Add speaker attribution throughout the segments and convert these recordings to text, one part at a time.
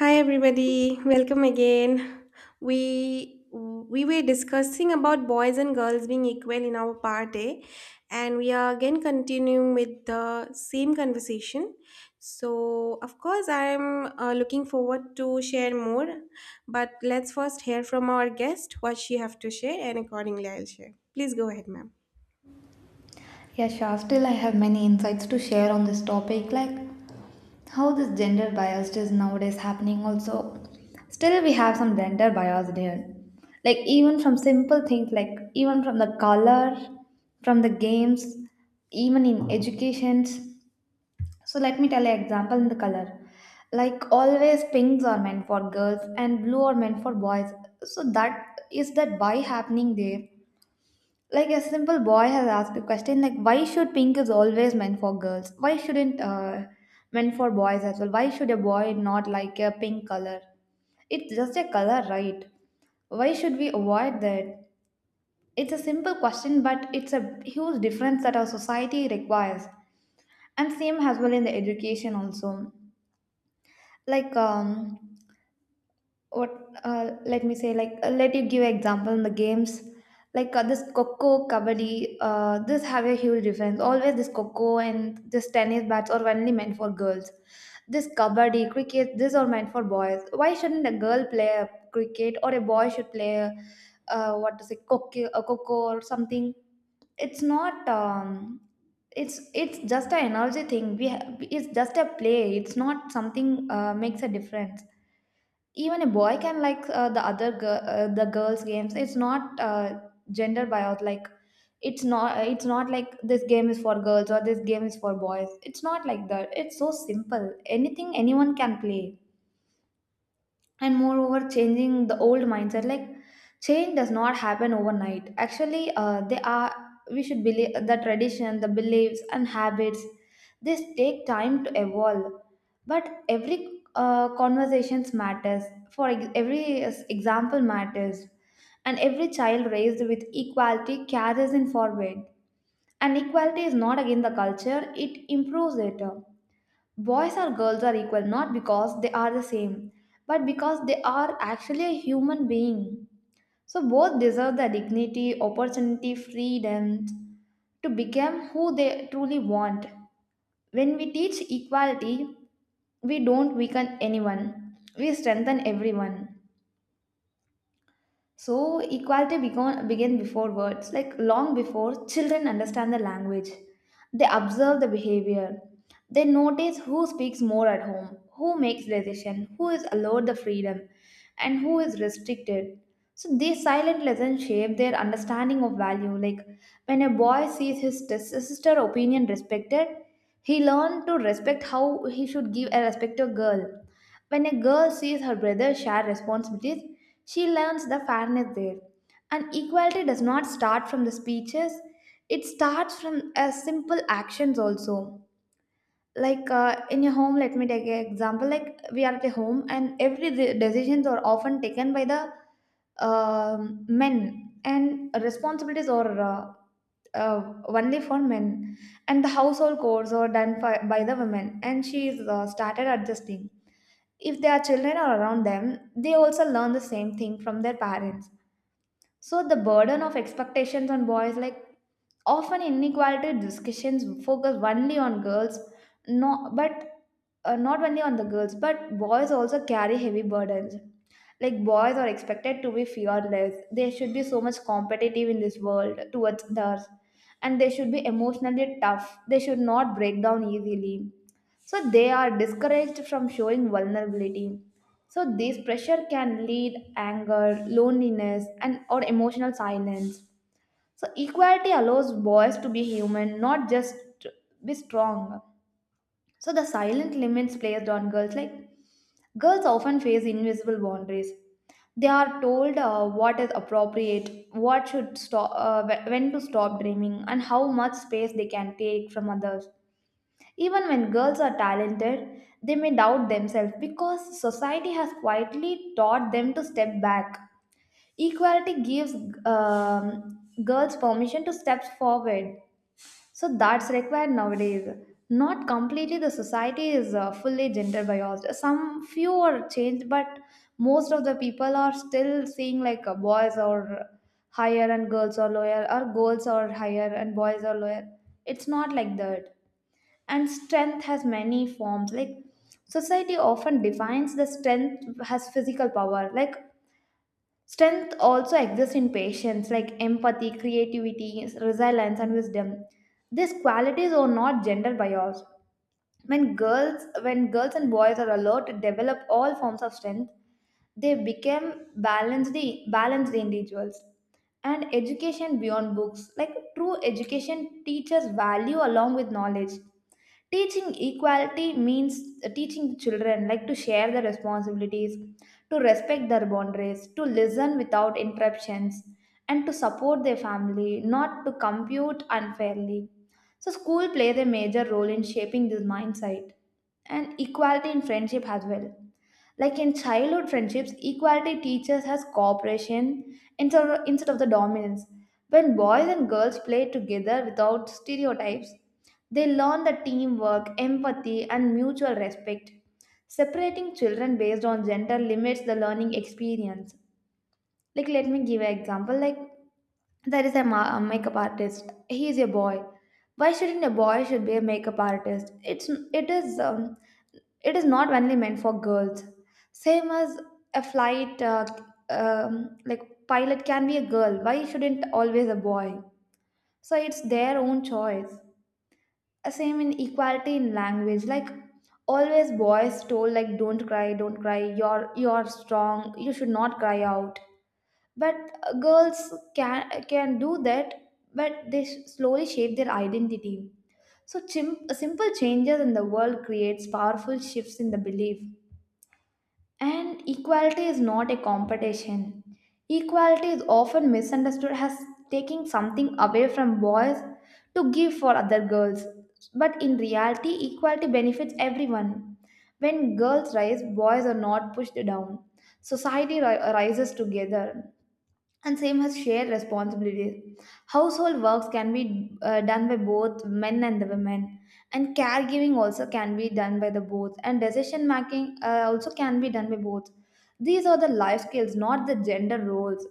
Speaker 1: Hi everybody, welcome again. We were discussing about boys and girls being equal in our part A, and we are again continuing with the same conversation. So of course I'm looking forward to share more, but let's first hear from our guest what she have to share, and accordingly I'll share. Please go ahead, ma'am.
Speaker 2: Yeah, sure. Still, I have many insights to share on this topic, like how this gender bias is nowadays happening. Also, still we have some gender bias there. Like even from simple things, like even from the color, from the games, even in educations. So let me tell you example in the color. Like always, pinks are meant for girls and blue are meant for boys. So that is that by happening there, like a simple boy has asked the question, like, why should pink is always meant for girls? Why shouldn't meant for boys as well? Why should a boy not like a pink color? It's just a color, right? Why should we avoid that? It's a simple question, but it's a huge difference that our society requires, and same as well in the education also. Like what let me say, like let you give example in the games, like this coco kabaddi, this have a huge difference. Always this coco and this tennis bats are only meant for girls, this kabaddi cricket, these are meant for boys. Why shouldn't a girl play a cricket, or a boy should play, what to say, coco, a coco or something? It's not it's just an energy thing. It's just a play, it's not something makes a difference. Even a boy can like, the other girl, the girls games, it's not gender buyout. Like, it's not, it's not like this game is for girls or this game is for boys. It's not like that. It's so simple, anything anyone can play. And moreover, changing the old mindset, like change does not happen overnight. Actually, they are, we should believe the tradition, the beliefs and habits. This take time to evolve, but every conversations matters. Every example matters, and every child raised with equality carries in forward. And equality is not against the culture, it improves it. Boys or girls are equal not because they are the same, but because they are actually a human being. So both deserve the dignity, opportunity, freedom to become who they truly want. When we teach equality, we don't weaken anyone, we strengthen everyone. So equality began, began before words, like long before children understand the language. They observe the behavior. They notice who speaks more at home, who makes decision, who is allowed the freedom, and who is restricted. So these silent lessons shape their understanding of value. Like when a boy sees his sister opinion respected, he learns to respect how he should give a respect to a girl. When a girl sees her brother share responsibilities, she learns the fairness there. And equality does not start from the speeches, it starts from simple actions also. Like in your home, let me take an example. Like we are at a home, and every decisions are often taken by the men, and responsibilities are only for men, and the household chores are done by the women. And she is started adjusting. If their children are around them, they also learn the same thing from their parents. So the burden of expectations on boys, like often inequality discussions focus only on girls. No, but not only on the girls, but boys also carry heavy burdens. Like, boys are expected to be fearless, they should be so much competitive in this world towards others, and they should be emotionally tough, they should not break down easily, so they are discouraged from showing vulnerability. So this pressure can lead anger, loneliness, and or emotional silence. So equality allows boys to be human, not just be strong. So the silent limits placed on girls, like girls often face invisible boundaries. They are told what is appropriate, what should stop, when to stop dreaming, and how much space they can take from others. Even when girls are talented, they may doubt themselves because society has quietly taught them to step back. Equality gives girls permission to step forward. So that's required nowadays. Not completely, the society is fully gender biased. Some few are changed, but most of the people are still seeing like boys are higher and girls are lower, or girls are higher and boys are lower. It's not like that. And strength has many forms. Like society often defines the strength as physical power. Like strength also exists in patience, like empathy, creativity, resilience, and wisdom. These qualities are not gender biased. When girls and boys are allowed to develop all forms of strength, they became balanced, balanced individuals. And education beyond books, like true education, teaches value along with knowledge. Teaching equality means teaching children like to share the responsibilities, to respect their boundaries, to listen without interruptions, and to support their family, not to compete unfairly. So school plays a major role in shaping this mindset, and equality in friendship as well. Like in childhood friendships, equality teaches us cooperation instead of the dominance. When boys and girls play together without stereotypes, they learn the teamwork, empathy, and mutual respect. Separating children based on gender limits the learning experience. Like, let me give an example. Like, there is a a makeup artist. He is a boy. Why shouldn't a boy should be a makeup artist? It is it is not only meant for girls. Same as a flight, like pilot can be a girl. Why shouldn't always a boy? So it's their own choice. Same in equality in language, like always boys told like don't cry, don't cry. You're strong. You should not cry out. But girls can do that, but they slowly shape their identity. So simple changes in the world creates powerful shifts in the belief. And equality is not a competition. Equality is often misunderstood as taking something away from boys to give for other girls. But in reality, equality benefits everyone. When girls rise, boys are not pushed down. Society rises together. And same as shared responsibilities, household works can be done by both men and the women, and caregiving also can be done by the both, and decision making also can be done by both. These are the life skills, not the gender roles.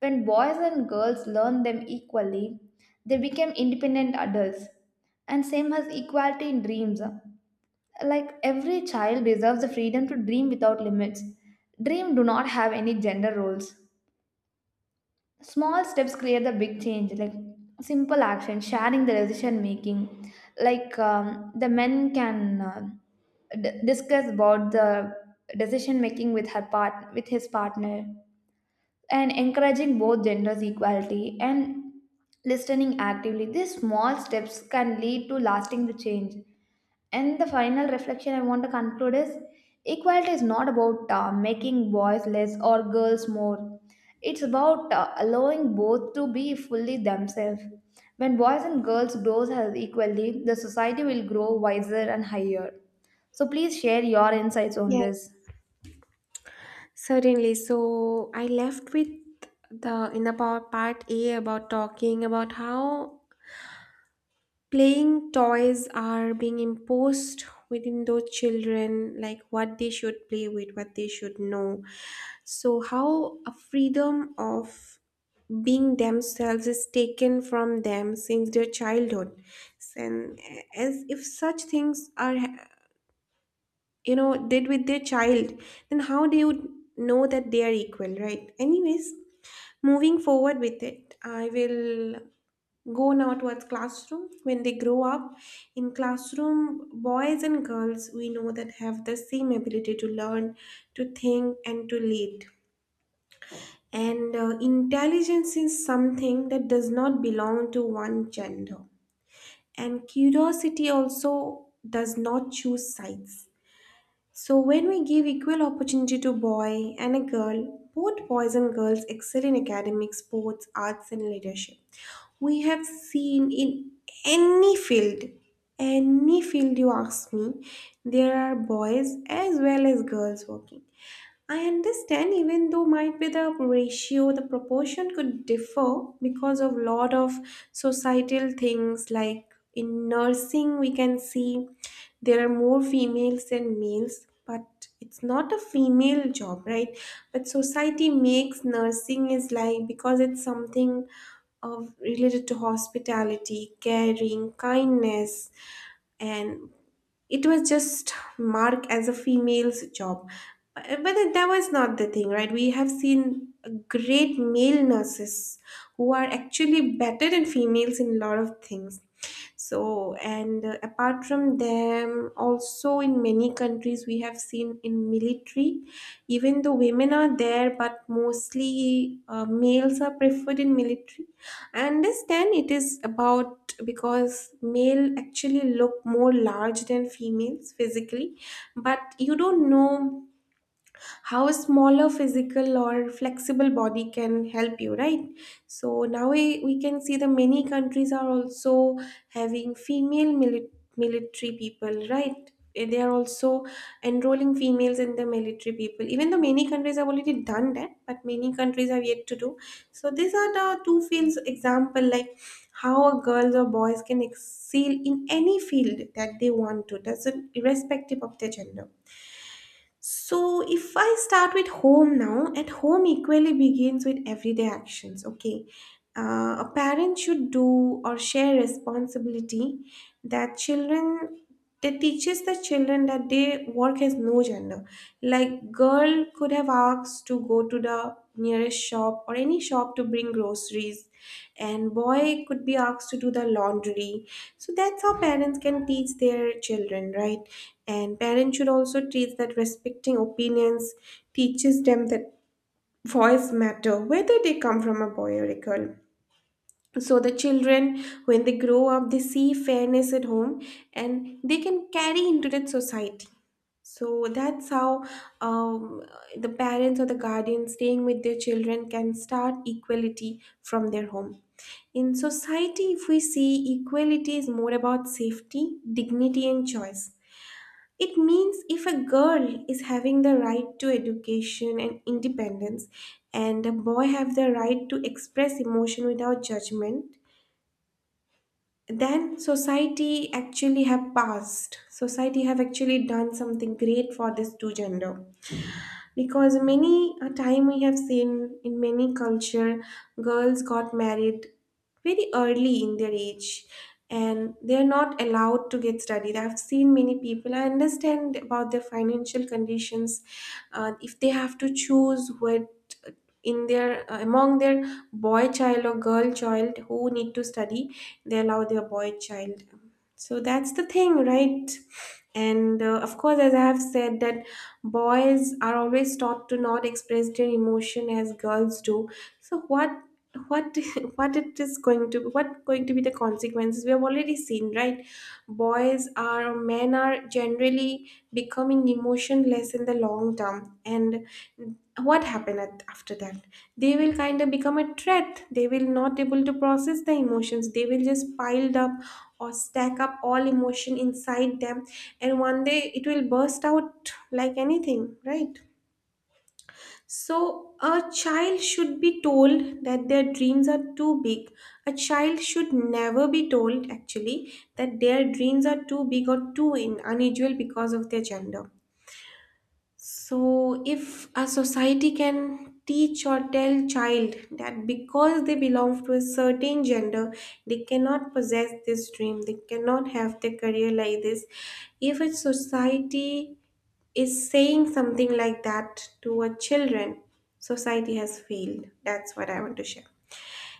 Speaker 2: When boys and girls learn them equally, they become independent adults. And same as equality in dreams, like every child deserves the freedom to dream without limits. Dream do not have any gender roles. Small steps create the big change. Like simple action, sharing the decision making, like the men can discuss about the decision making with her part, with his partner, and encouraging both genders equality, and listening actively. These small steps can lead to lasting change. And the final reflection I want to conclude is equality is not about making boys less or girls more. It's about allowing both to be fully themselves. When boys and girls grows as equally, the society will grow wiser and higher. So please share your insights on
Speaker 1: Yes.
Speaker 2: this.
Speaker 1: Certainly. So I left with the in the part A about talking about how playing toys are being imposed within those children, like what they should play with, what they should know, so how a freedom of being themselves is taken from them since their childhood. And as if such things are, you know, did with their child, then how they would know that they are equal, right? Anyways, moving forward with it, I will go now towards classroom. When they grow up in classroom, boys and girls, we know, that have the same ability to learn, to think and to lead. And intelligence is something that does not belong to one gender, and curiosity also does not choose sides. So, when we give equal opportunity to boy and a girl, both boys and girls excel in academics, sports, arts, and leadership. We have seen in any field, any field you ask me, there are boys as well as girls working. I understand even though might be the ratio, the proportion could differ because of lot of societal things, like in nursing we can see there are more females than males, but it's not a female job, right? But society makes nursing is like, because it's something of related to hospitality, caring, kindness, and it was just marked as a female's job. But that was not the thing, right? We have seen great male nurses who are actually better than females in a lot of things. So and apart from them, also in many countries we have seen in military, even though women are there, but mostly males are preferred in military. I understand it is about, because male actually look more large than females physically, but you don't know how a smaller physical or flexible body can help you, right? So now we can see the many countries are also having female military people, right? Eh, they are also enrolling females in the military people, even though many countries have already done that, but many countries have yet to do. So these are the two fields example, like how girls or boys can excel in any field that they want to, doesn't, irrespective of their gender. So, if I start with home now, at home equally begins with everyday actions. Okay, a parent should do or share responsibility, that children, they teaches the children that they work has no gender, like girl could have asked to go to the nearest shop or any shop to bring groceries, and boy could be asked to do the laundry. So that's how parents can teach their children, right? And parents should also teach that respecting opinions teaches them that voice matter, whether they come from a boy or a girl. So the children, when they grow up, they see fairness at home, and they can carry into that society. So that's how, um, the parents or the guardians staying with their children can start equality from their home. In society, if we see, equality is more about safety, dignity and choice. It means if a girl is having the right to education and independence, and a boy have the right to express emotion without judgment, then society actually have passed, society have actually done something great for this two gender. Because many a time we have seen in many culture girls got married very early in their age, and they're not allowed to get studied. I've seen many people, I understand about their financial conditions. If they have to choose what, uh, in their among their boy child or girl child who need to study, they allow their boy child. So that's the thing, right? And of course, as I have said that boys are always taught to not express their emotion as girls do. So what what it is going to what going to be the consequences we have already seen, right? Boys are, men are generally becoming emotionless in the long term, and what happened after that, they will kind of become a threat. They will not able to process the emotions. They will just piled up or stack up all emotion inside them, and one day it will burst out like anything, right? So a child should be told that their dreams are too big. A child should never be told actually that their dreams are too big or too in unusual because of their gender. So, if a society can teach or tell child that because they belong to a certain gender, they cannot possess this dream, they cannot have their career like this, if a society is saying something like that to a children, society has failed. That's what I want to share.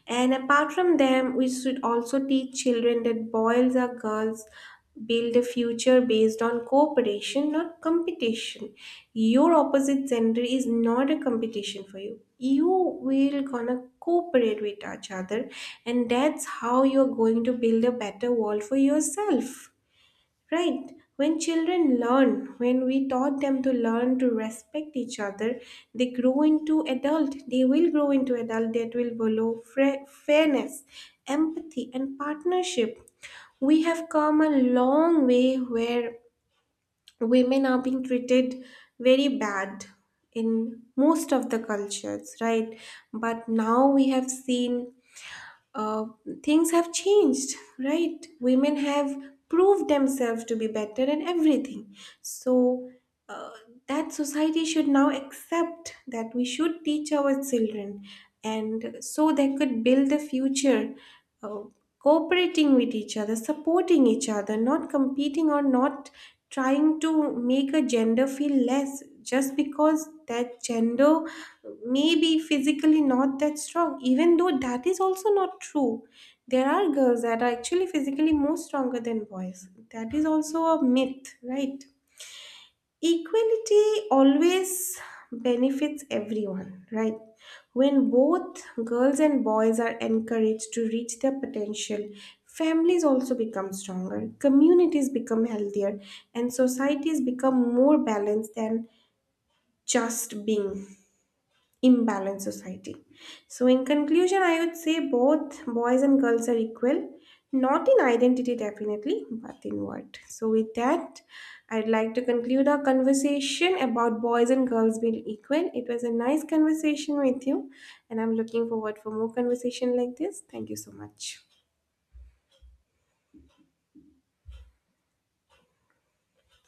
Speaker 1: And apart from them, we should also teach children that boys or girls build a future based on cooperation, not competition. Your opposite gender is not a competition for you. You will gonna cooperate with each other, and that's how you're going to build a better world for yourself. Right. When children learn, when we taught them to learn to respect each other, they grow into adult. They will grow into adult that will follow fairness, empathy, and partnership. We have come a long way where women are being treated very bad in most of the cultures, right? But now we have seen, uh, things have changed, right? Women have proved themselves to be better in everything. So uh, that society should now accept, that we should teach our children, and so they could build a future, uh, cooperating with each other, supporting each other, not competing or not trying to make a gender feel less just because that gender may be physically not that strong, even though that is also not true. There are girls that are actually physically more stronger than boys. That is also a myth, right? Equality always benefits everyone, right? When both girls and boys are encouraged to reach their potential, families also become stronger, communities become healthier, and societies become more balanced than just being imbalanced society. So, in conclusion, I would say both boys and girls are equal, not in identity definitely, but in what. So, with that, I'd like to conclude our conversation about boys and girls being equal. It was a nice conversation with you, and I'm looking forward for more conversation like this. Thank you so much.